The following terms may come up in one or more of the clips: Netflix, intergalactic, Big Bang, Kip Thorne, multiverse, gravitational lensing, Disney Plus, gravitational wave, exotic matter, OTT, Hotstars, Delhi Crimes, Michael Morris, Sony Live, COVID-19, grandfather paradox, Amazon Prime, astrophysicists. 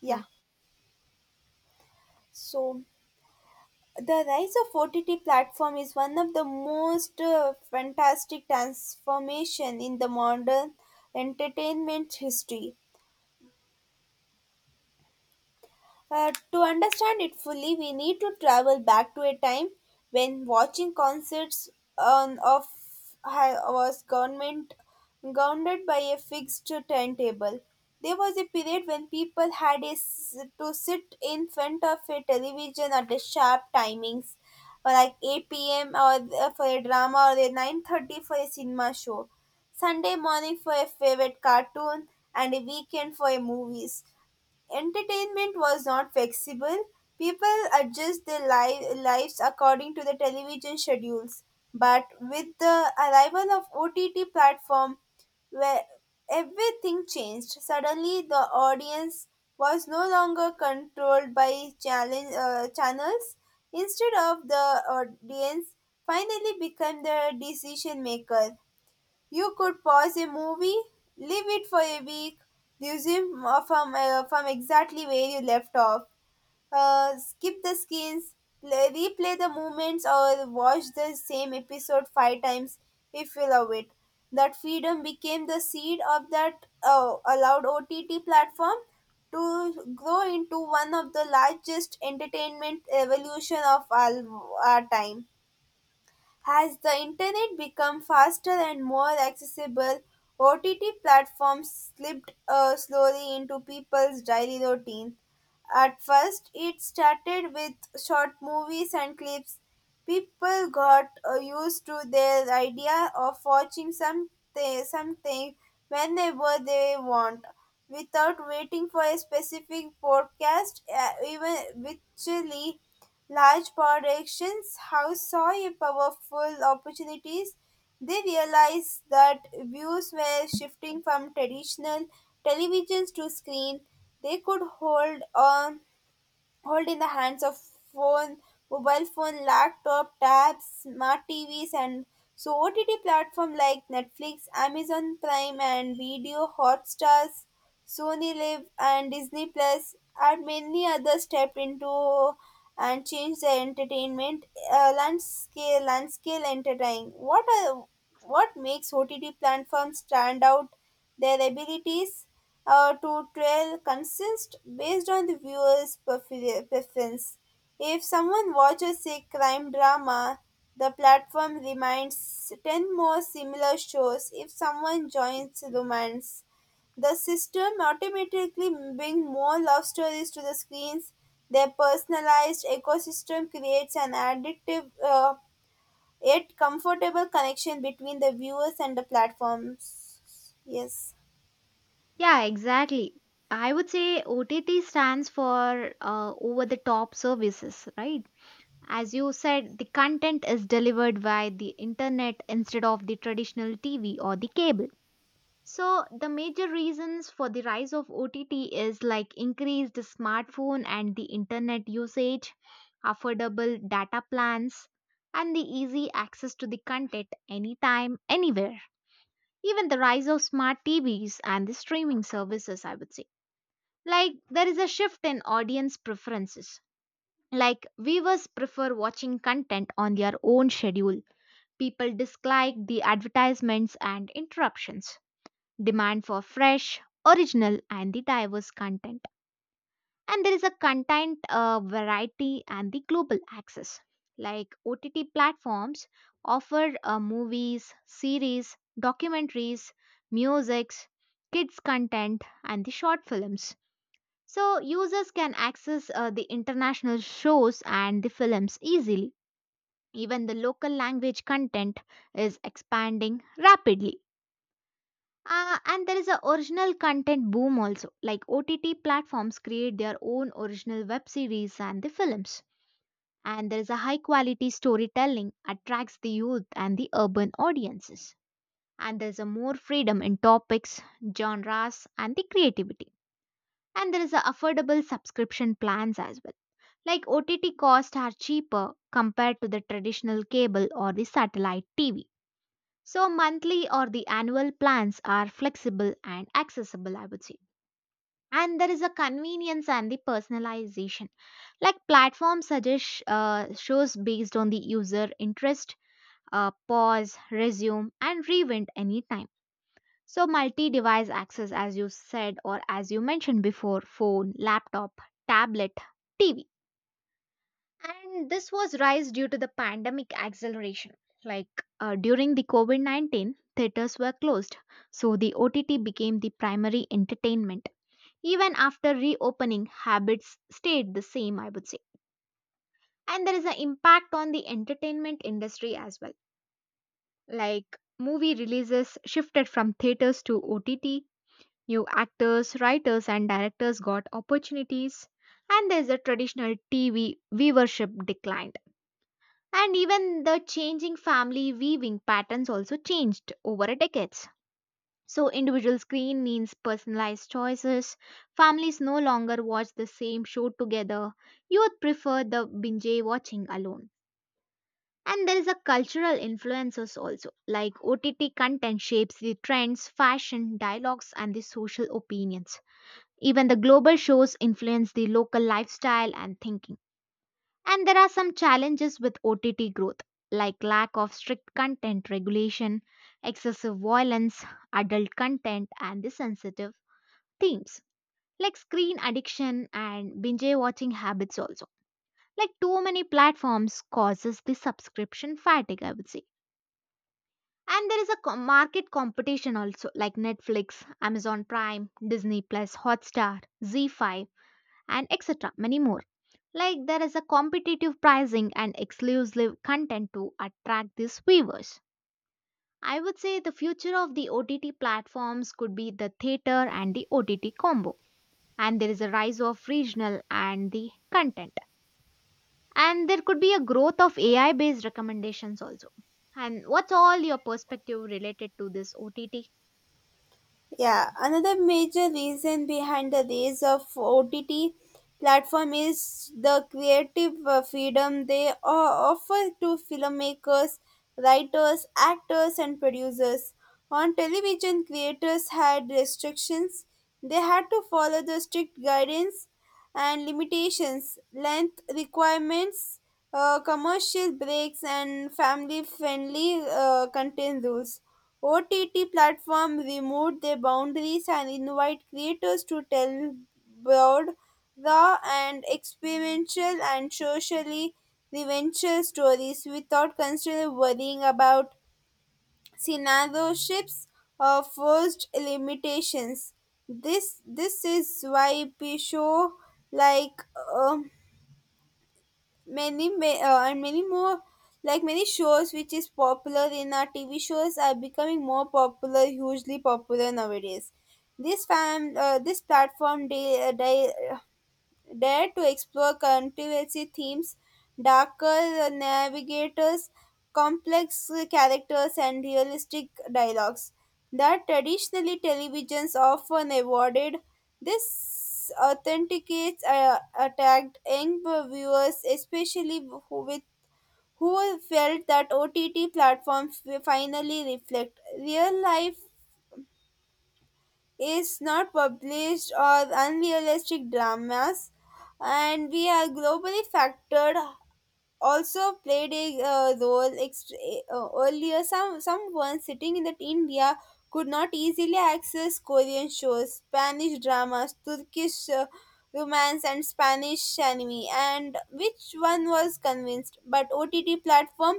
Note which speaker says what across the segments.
Speaker 1: Yeah,
Speaker 2: Yeah.
Speaker 1: so the rise of OTT platform is one of the most fantastic transformation in the modern entertainment history. To understand it fully, we need to travel back to a time when watching concerts on of was government governed by a fixed timetable. There was a period when people had to sit in front of a television at a sharp timings, or like 8 p.m. or for a drama or a 9:30 for a cinema show, Sunday morning for a favorite cartoon, and a weekend for a movies. Entertainment was not flexible. People adjust their lives according to the television schedules. But with the arrival of OTT platform, where everything changed. Suddenly, the audience was no longer controlled by channels. Instead of the audience, finally became the decision maker. You could pause a movie, leave it for a week, resume from exactly where you left off, skip the scenes, replay the moments, or watch the same episode five times if you love it. That freedom became the seed of that allowed OTT platform to grow into one of the largest entertainment evolution of all our time. As the internet become faster and more accessible, OTT platforms slipped slowly into people's daily routine. At first, it started with short movies and clips. People got used to their idea of watching something whenever they want, without waiting for a specific podcast, even virtually. Large power directions, how saw a powerful opportunities. They realized that views were shifting from traditional televisions to screen. They could hold in the hands of phone, mobile phone, laptop, tabs, smart TVs, and so OTT platform like Netflix, Amazon Prime, and Video, Hotstars, Sony Live, and Disney Plus, and many others stepped into and changed the entertainment landscape. Landscape entertaining. What makes OTT platforms stand out? Their abilities to trail consists based on the viewer's preference. If someone watches a crime drama, the platform reminds 10 more similar shows. If someone joins romance, the system automatically brings more love stories to the screens. Their personalized ecosystem creates an addictive yet comfortable connection between the viewers and the platforms. Yes.
Speaker 2: Yeah, exactly. I would say OTT stands for over the top services, right? As you said, the content is delivered via the internet instead of the traditional TV or the cable. So, the major reasons for the rise of OTT is like increased smartphone and the internet usage, affordable data plans, and the easy access to the content anytime, anywhere. Even the rise of smart TVs and the streaming services, I would say. Like, there is a shift in audience preferences. Like, viewers prefer watching content on their own schedule. People dislike the advertisements and interruptions. Demand for fresh, original, and the diverse content, and there is a content variety and the global access, like OTT platforms offer movies, series, documentaries, musics, kids content, and the short films. So users can access the international shows and the films easily. Even the local language content is expanding rapidly. And there is a original content boom also. Like OTT platforms create their own original web series and the films. And there is a high quality storytelling attracts the youth and the urban audiences. And there's a more freedom in topics, genres, and the creativity. And there is a affordable subscription plans as well. Like OTT costs are cheaper compared to the traditional cable or the satellite TV. So monthly or the annual plans are flexible and accessible, I would say. And there is a convenience and the personalization, like platform suggest shows based on the user interest, pause, resume, and rewind anytime. So multi device access, as you said or as you mentioned before, phone, laptop, tablet, TV. And this was rise due to the pandemic acceleration, like during the COVID-19, theaters were closed, so the OTT became the primary entertainment. Even after reopening, habits stayed the same, I would say. And there is an impact on the entertainment industry as well. Like movie releases shifted from theaters to OTT, new actors, writers, and directors got opportunities, and there's a traditional TV viewership declined. And even the changing family weaving patterns also changed over a decade. So, individual screen means personalized choices. Families no longer watch the same show together. Youth prefer the binge watching alone. And there is a cultural influences also, like OTT content shapes the trends, fashion, dialogues, and the social opinions. Even the global shows influence the local lifestyle and thinking. And there are some challenges with OTT growth, like lack of strict content regulation, excessive violence, adult content, and the sensitive themes, like screen addiction and binge watching habits also, like too many platforms causes the subscription fatigue, I would say. And there is a market competition also, like Netflix, Amazon Prime, Disney Plus, Hotstar, Z5, and etc, many more. Like there is a competitive pricing and exclusive content to attract these viewers. I would say the future of the OTT platforms could be the theater and the OTT combo. And there is a rise of regional and the content, and there could be a growth of AI based recommendations also. And what's all your perspective related to this OTT?
Speaker 1: Yeah, another major reason behind the rise of OTT platform is the creative freedom they offer to filmmakers, writers, actors, and producers. On television, creators had restrictions. They had to follow the strict guidance and limitations, length requirements, commercial breaks, and family friendly content rules. OTT platforms removed their boundaries and invite creators to tell broad, raw and experiential and socially relevant stories without constantly worrying about censorships or forced limitations. This is why shows like um, and many more, like many shows which is popular in our tv shows, are becoming more popular, hugely popular nowadays. This fam uh, this platform, they dare to explore controversy themes, darker navigators, complex characters, and realistic dialogues that traditionally televisions often avoided. This authenticates attacked young viewers, especially who felt that OTT platforms finally reflect real life, is not published or unrealistic dramas, and we are globally factored also played a role earlier. Someone sitting in the India could not easily access Korean shows, Spanish dramas, Turkish romance, and Spanish anime. And which one was convinced? But OTT platform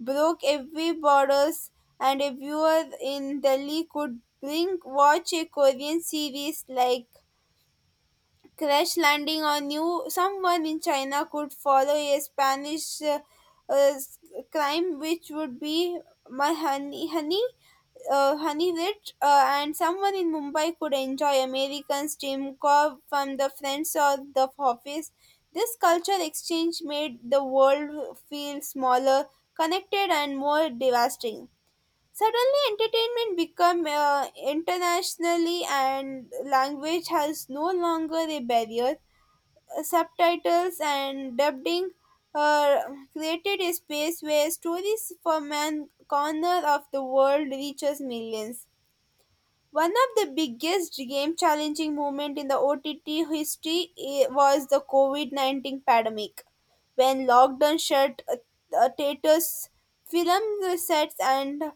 Speaker 1: broke every borders, and a viewer in Delhi could bring watch a Korean series like Crash Landing on You, someone in China could follow a Spanish uh, crime, which would be my honey rich, and someone in Mumbai could enjoy American steam cob from the Friends or the Office. This culture exchange made the world feel smaller, connected, and more devastating. Suddenly, entertainment become internationally, and language has no longer a barrier. Subtitles and dubbing uh, created a space where stories from an corner of the world reaches millions. One of the biggest game challenging moment in the OTT history was the COVID-19 pandemic when lockdown shut theaters, film sets, and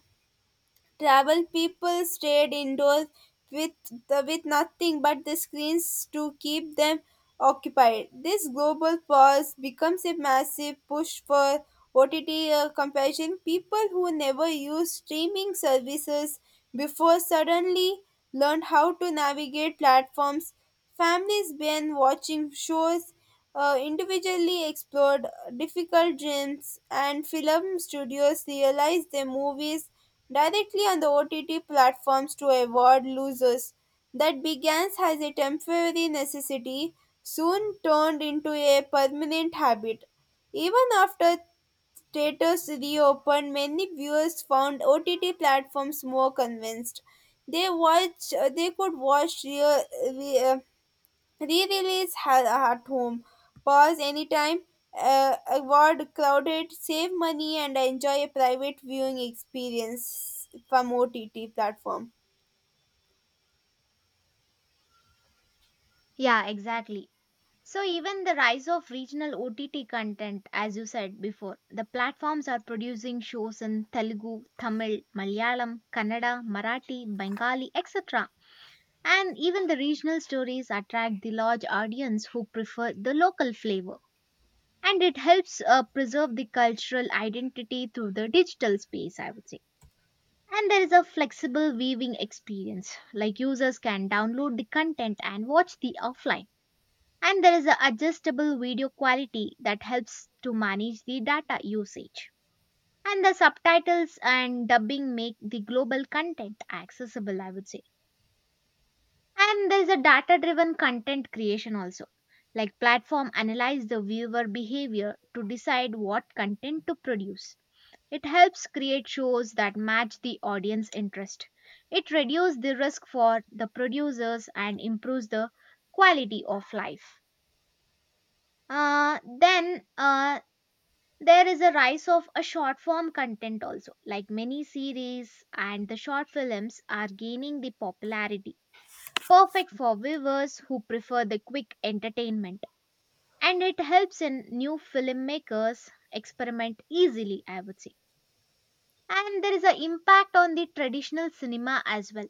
Speaker 1: travel, people stayed indoors with with nothing but the screens to keep them occupied. This global pause becomes a massive push for OTT compassion. People who never used streaming services before suddenly learned how to navigate platforms. Families been watching shows individually explored difficult dreams, and film studios realized their movies directly on the OTT platforms to avoid losers. That began as a temporary necessity, soon turned into a permanent habit. Even after theaters reopened, many viewers found OTT platforms more convinced. They watch, they could watch re, uh, Re-release at home. Pause anytime. Avoid crowded. Save money and enjoy a private viewing experience from OTT platform.
Speaker 2: Yeah, exactly. So even the rise of regional OTT content, as you said before, the platforms are producing shows in Telugu, Tamil, Malayalam, Kannada, Marathi, Bengali, etc. And even the regional stories attract the large audience who prefer the local flavor, and it helps preserve the cultural identity through the digital space, I would say. And there is a flexible viewing experience, like users can download the content and watch the offline. And there is an adjustable video quality that helps to manage the data usage, and the subtitles and dubbing make the global content accessible, I would say. And there is a data driven content creation also, like platform analyze the viewer behavior to decide what content to produce. It helps create shows that match the audience interest. It reduces the risk for the producers and improves the quality of life. Then there is a rise of a short form content also, like many series and the short films are gaining the popularity. Perfect for viewers who prefer the quick entertainment, and it helps in new filmmakers experiment easily, I would say. And there is an impact on the traditional cinema as well.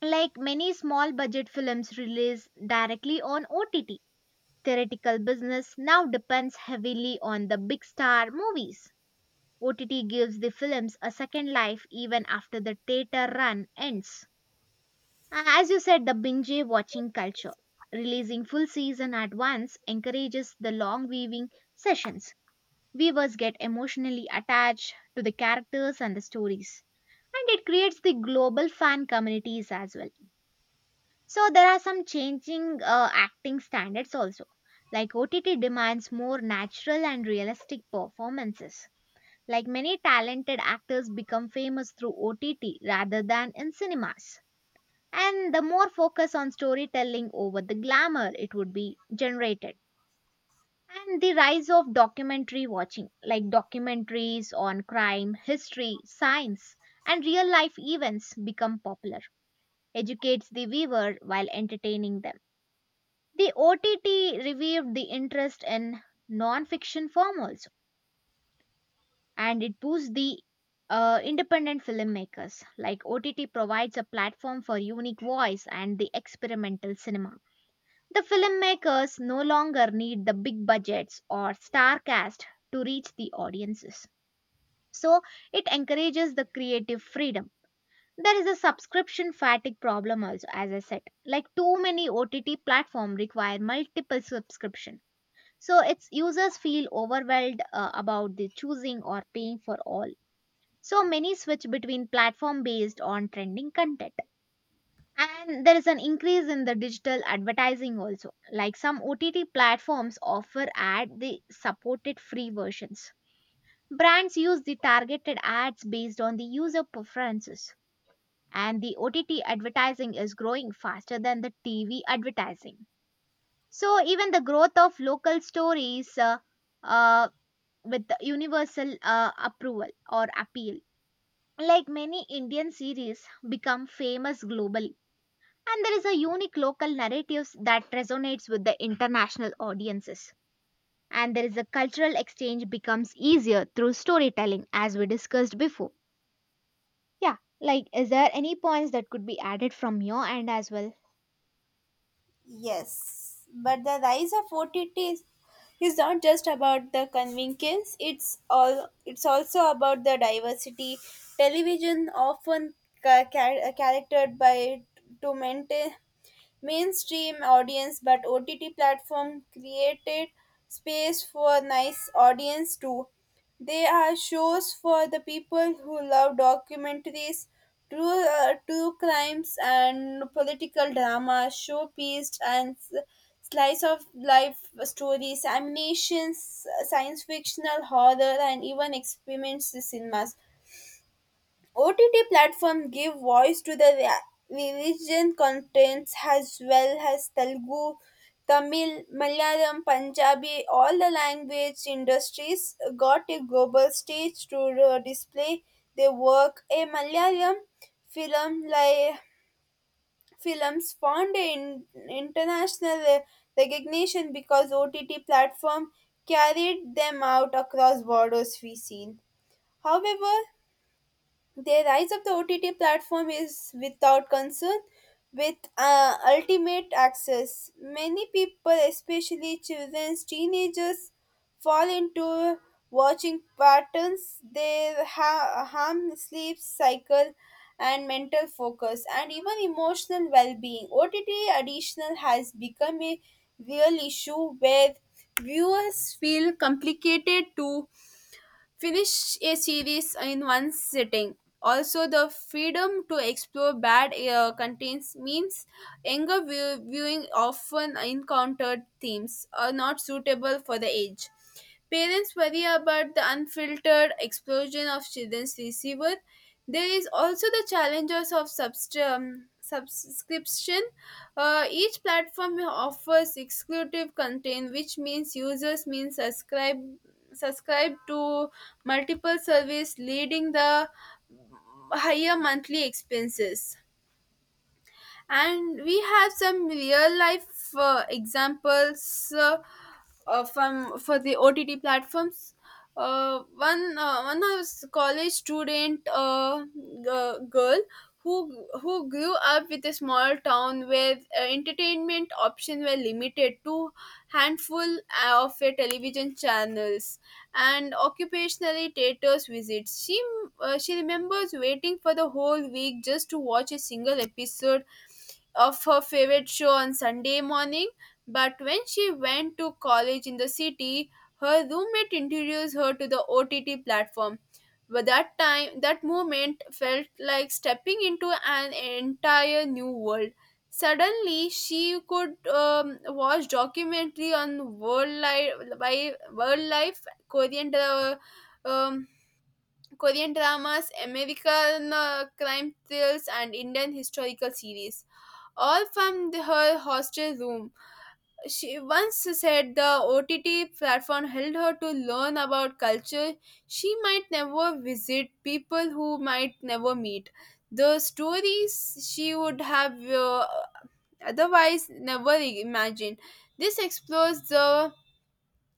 Speaker 2: Like many small budget films release directly on OTT, theoretical business now depends heavily on the big star movies. OTT gives the films a second life even after the theater run ends. As you said, the binge watching culture. Releasing full season at once encourages the long viewing sessions. Viewers get emotionally attached to the characters and the stories, and it creates the global fan communities as well. So there are some changing acting standards also. Like OTT demands more natural and realistic performances. Like many talented actors become famous through OTT rather than in cinemas. And the more focus on storytelling over the glamour it would be generated. And the rise of documentary watching, like documentaries on crime, history, science, and real life events become popular, educates the viewer while entertaining them. The OTT revived the interest in non-fiction form also, and it boosts the independent filmmakers. Like OTT provides a platform for unique voice and the experimental cinema. The filmmakers no longer need the big budgets or star cast to reach the audiences. So it encourages the creative freedom. There is a subscription fatigue problem also, as I said. Like too many OTT platforms require multiple subscription. So its users feel overwhelmed about the choosing or paying for all. So many switch between platform based on trending content. And there is an increase in the digital advertising also. Like some OTT platforms offer ad the supported free versions. Brands use the targeted ads based on the user preferences, and the OTT advertising is growing faster than the TV advertising. So even the growth of local stories uh, with the universal approval or appeal, like many Indian series, become famous globally. And there is a unique local narratives that resonates with the international audiences. And there is a cultural exchange becomes easier through storytelling, as we discussed before. Yeah, like, is there any points that could be added from your end as well?
Speaker 1: Yes, but the rise of OTT is not just about the convenience. It's all. It's also about the diversity. Television often characterized by to maintain mainstream audience, but OTT platform created space for nice audience too. They are shows for the people who love documentaries, true crimes, and political drama, showpiece, and slice of life stories, animations, science fictional horror, and even experiments cinemas. OTT platforms give voice to the Vision contents, as well as Telugu, Tamil, Malayalam, Punjabi; all the language industries got a global stage to display their work. A Malayalam film like films found in international recognition because OTT platform carried them out across borders we seen. However, the rise of the OTT platform is without concern with ultimate access. Many people, especially children, teenagers, fall into watching patterns. They harm sleep cycle and mental focus and even emotional well-being. OTT additional has become a real issue where viewers feel complicated to finish a series in one sitting. Also, the freedom to explore bad contents means younger viewing often encountered themes are not suitable for the age. Parents worry about the unfiltered explosion of children's receiver. There is also the challenges of subscription. Each platform offers exclusive content, which means users means subscribe to multiple service, leading the higher monthly expenses. And we have some real life examples from for the OTT platforms. One was college student, girl who grew up with a small town where entertainment options were limited to handful of television channels and occupationally theaters visits. She remembers waiting for the whole week just to watch a single episode of her favorite show on Sunday morning, but when she went to college in the city, her roommate introduced her to the OTT platform. But that moment felt like stepping into an entire new world. Suddenly, she could watch documentary on world life, Korean dra- um, Korean dramas, American crime thrills, and Indian historical series, all from her hostel room. She once said the OTT platform helped her to learn about culture she might never visit, people who might never meet, the stories she would have otherwise never imagined. This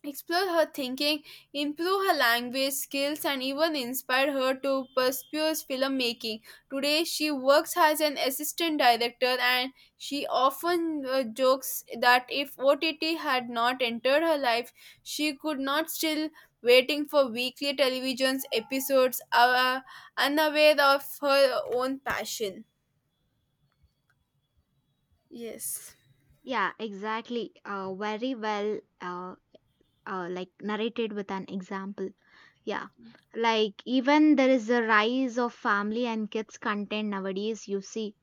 Speaker 1: explore her thinking, improve her language skills, and even inspire her to pursue filmmaking. Today, she works as an assistant director, and she often jokes that if OTT had not entered her life, she could not still waiting for weekly television's episodes, unaware of her own passion. Yes.
Speaker 2: Yeah, exactly. Very well, like narrated with an example. Yeah, like even there is a rise of family and kids content nowadays. You see,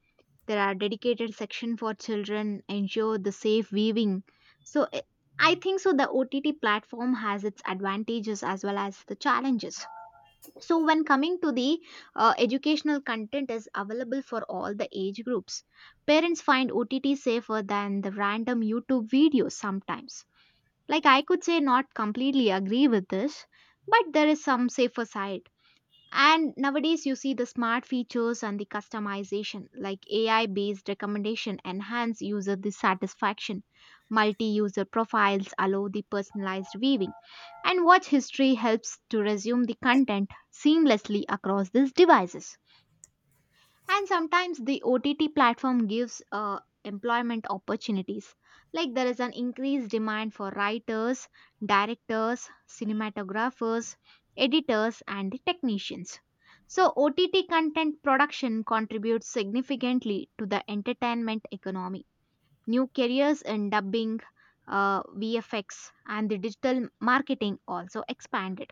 Speaker 2: there are dedicated section for children, ensure the safe viewing. So I think so. The OTT platform has its advantages as well as the challenges. So when coming to the educational content is available for all the age groups, parents find OTT safer than the random YouTube videos sometimes. Like I could say not completely agree with this, but there is some safer side. And nowadays, you see the smart features and the customization, like AI based recommendation, enhance user dissatisfaction. Multi user profiles allow the personalized viewing. And watch history helps to resume the content seamlessly across these devices. And sometimes the OTT platform gives employment opportunities. Like there is an increased demand for writers, directors, cinematographers, editors, and the technicians. So, OTT content production contributes significantly to the entertainment economy. New careers in dubbing, VFX, and the digital marketing also expanded.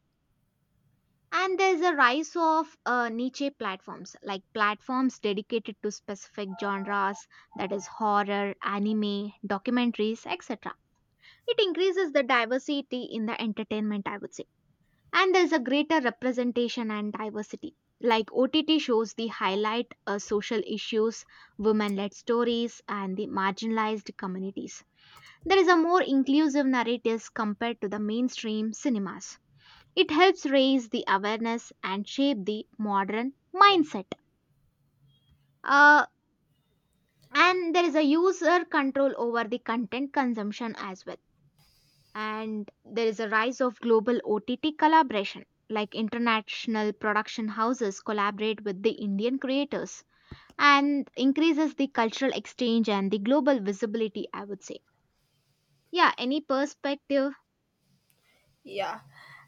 Speaker 2: And there's a rise of niche platforms, like platforms dedicated to specific genres, that is, horror, anime, documentaries, etc. It increases the diversity in the entertainment, I would say. And there's a greater representation and diversity. Like OTT shows, the highlight social issues, women led stories, and the marginalized communities. There is a more inclusive narratives compared to the mainstream cinemas. It helps raise the awareness and shape the modern mindset. Uh, and there is a user control over the content consumption as well. And there is a rise of global OTT collaboration, like international production houses collaborate with the Indian creators, and increases the cultural exchange and the global visibility, I would say. Yeah, any perspective?
Speaker 1: Yeah,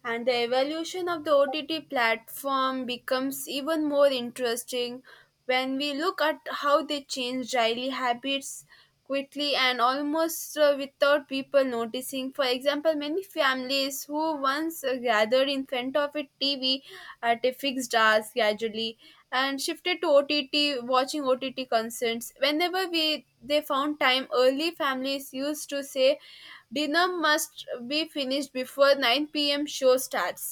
Speaker 1: and the evolution of the OTT platform becomes even more interesting when we look at how they change daily habits quickly and almost without people noticing. For example, many families who once gathered in front of a TV at a fixed hours gradually and shifted to OTT, watching OTT concerts whenever we they found time. Early families used to say dinner must be finished before 9 p.m. show starts.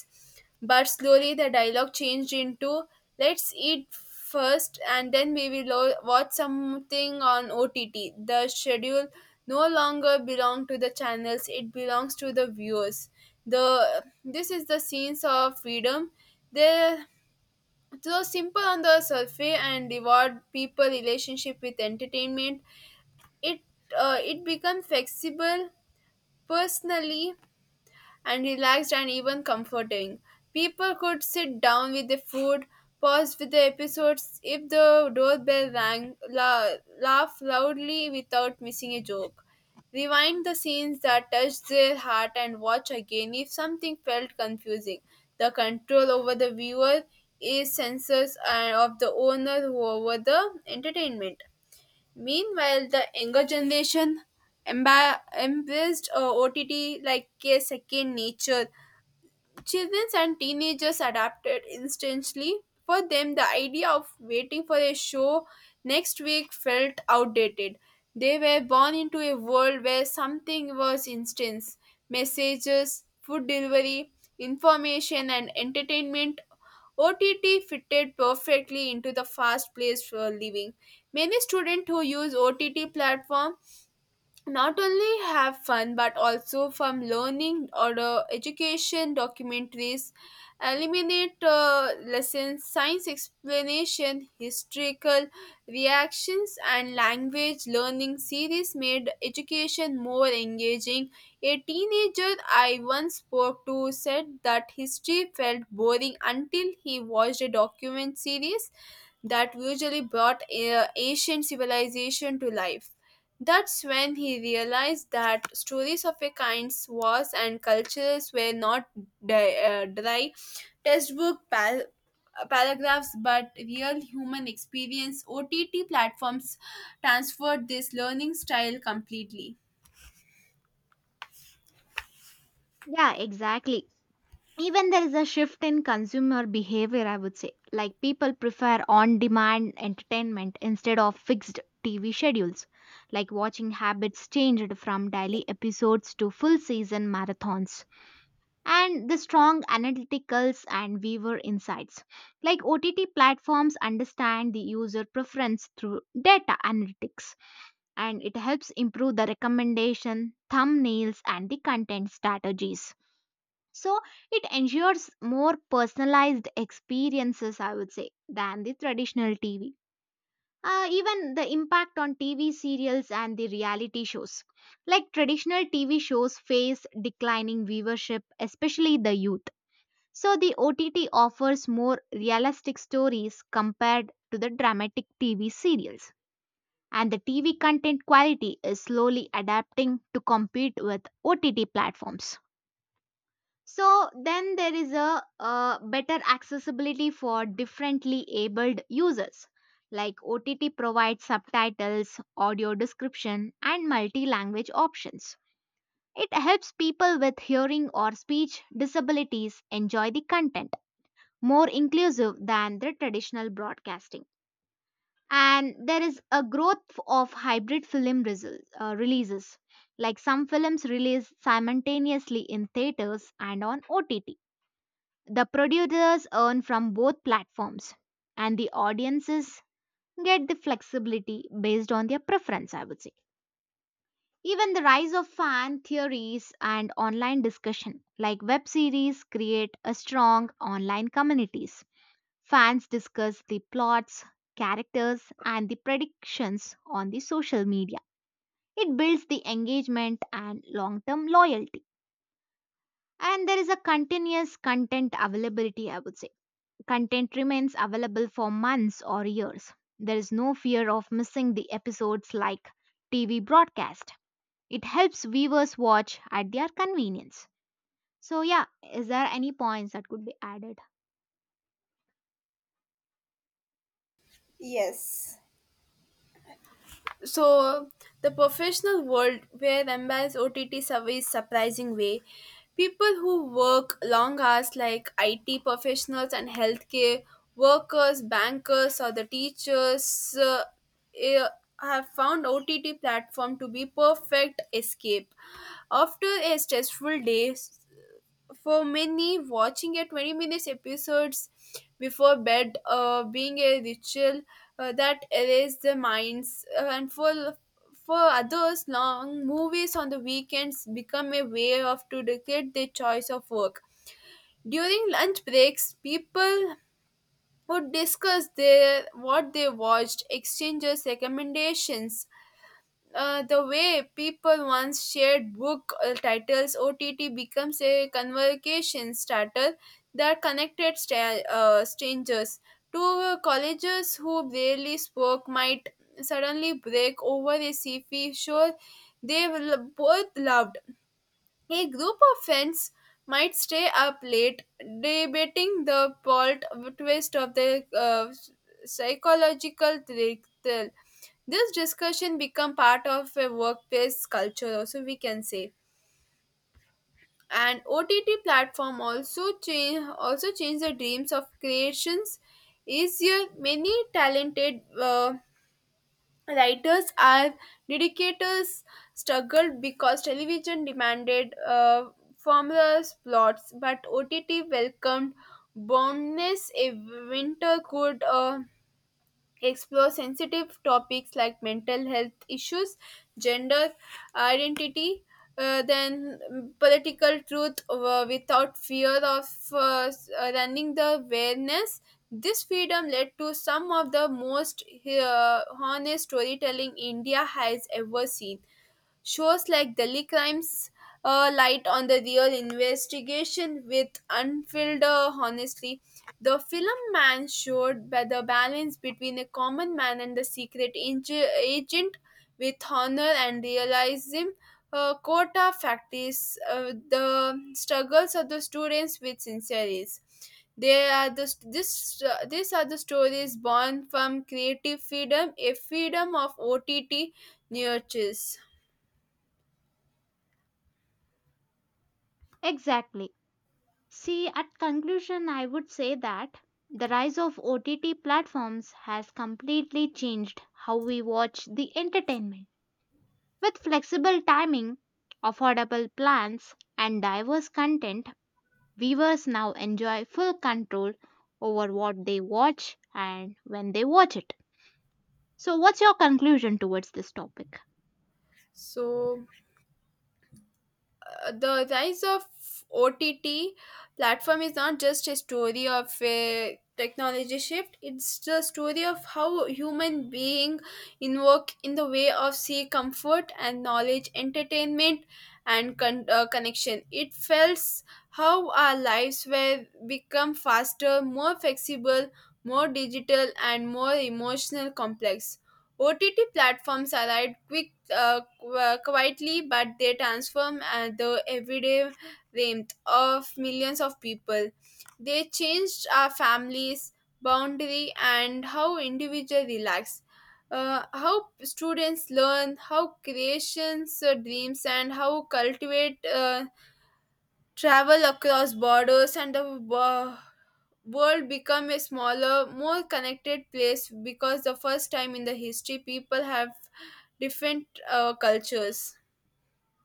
Speaker 1: But slowly the dialogue changed into, let's eat first and then we will watch something on OTT. The schedule no longer belong to the channels, it belongs to the viewers. The this is the scenes of freedom. There so simple on the surface and reward people relationship with entertainment. It it becomes flexible, personally and relaxed and even comforting. People could sit down with the food, pause with the episodes if the doorbell rang, laugh loudly without missing a joke, rewind the scenes that touched their heart and watch again if something felt confusing. The control over the viewer is censors and of the owner over the entertainment. Meanwhile, the younger generation embraced OTT like a second nature. Children and teenagers adapted instantly. For them, the idea of waiting for a show next week felt outdated. They were born into a world where something was instant. Messages, food delivery, information, and entertainment. OTT fitted perfectly into the fast-paced living. Many students who use OTT platform not only have fun but also from learning, or education documentaries, eliminate lessons, science explanation, historical reactions, and language learning series made education more engaging. A teenager I once spoke to said that history felt boring until he watched a document series that usually brought ancient civilization to life. That's when he realized that stories of a kind, wars, and cultures were not dry textbook paragraphs, but real human experience. OTT platforms transferred this learning style completely.
Speaker 2: Yeah, exactly. Even there is a shift in consumer behavior, I would say. Like people prefer on demand entertainment instead of fixed TV schedules. Like watching habits changed from daily episodes to full season marathons. And the strong analyticals and viewer insights. Like OTT platforms understand the user preference through data analytics, and it helps improve the recommendation, thumbnails, and the content strategies. So it ensures more personalized experiences, I would say, than the traditional TV. Even the impact on TV serials and the reality shows. Like traditional TV shows face declining viewership, especially the youth. So the OTT offers more realistic stories compared to the dramatic TV serials. And the TV content quality is slowly adapting to compete with OTT platforms. So then there is a better accessibility for differently abled users. Like OTT provides subtitles, audio description, and multi language options. It helps people with hearing or speech disabilities enjoy the content more inclusive than the traditional broadcasting. And there is a growth of hybrid film releases. Like some films release simultaneously in theaters and on OTT, the producers earn from both platforms, and the audiences get the flexibility based on their preference, I would say. Even the rise of fan theories and online discussion, like web series, create a strong online communities. Fans discuss the plots, characters, and the predictions on the social media. It builds the engagement and long term loyalty. And there is a continuous content availability, I would say. Content remains available for months or years. There is no fear of missing the episodes like TV broadcast. It helps viewers watch at their convenience. So yeah, is there any points that could be added?
Speaker 1: Yes. So the professional world, where MBA's OTT service surprising way, people who work long hours, like IT professionals and healthcare workers, bankers or the teachers, eh, have found OTT platform to be perfect escape after a stressful day. For many, watching a 20 minutes episodes before bed being a ritual that erases the minds, and for others, long movies on the weekends become a way of to dictate their choice of work. During lunch breaks, people would discuss their what they watched, exchanges recommendations, the way people once shared book titles. OTT becomes a conversation starter that connected strangers. Two colleges who barely spoke might suddenly break over a sci-fi show they will both loved. A group of friends might stay up late debating the plot twist of the psychological thrill. This discussion become part of a workplace culture, also we can say. And OTT platform also change the dreams of creations. Easier, many talented writers and dedicators struggled because television demanded formless plots, but OTT welcomed boundless. A winter could explore sensitive topics like mental health issues, gender identity, then political truth, without fear of running the awareness. This freedom led to some of the most honest storytelling India has ever seen. Shows like Delhi Crimes light on the real investigation with unfiltered honesty. The film Man showed by the balance between a common man and the secret agent with honor and realism. Quota factories, the struggles of the students with sincerity. They are the this these are the stories born from creative freedom, a freedom of OTT nurtures.
Speaker 2: Exactly. See, at conclusion, I would say that the rise of OTT platforms has completely changed how we watch the entertainment. With flexible timing, affordable plans, and diverse content, viewers now enjoy full control over what they watch and when they watch it. So, what's your conclusion towards this topic?
Speaker 1: So the rise of OTT platform is not just a story of a technology shift. It's the story of how human being invoke in the way of seek comfort and knowledge, entertainment, and connection. It feels how our lives were become faster, more flexible, more digital, and more emotional complex. OTT platforms arrived quietly, but they transform the everyday warmth of millions of people. They changed our families, boundary, and how individual relax. How students learn, how creations dreams, and how cultivate travel across borders, and the world become a smaller, more connected place because the first time in the history people have different cultures.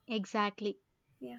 Speaker 2: Exactly.
Speaker 1: Yeah.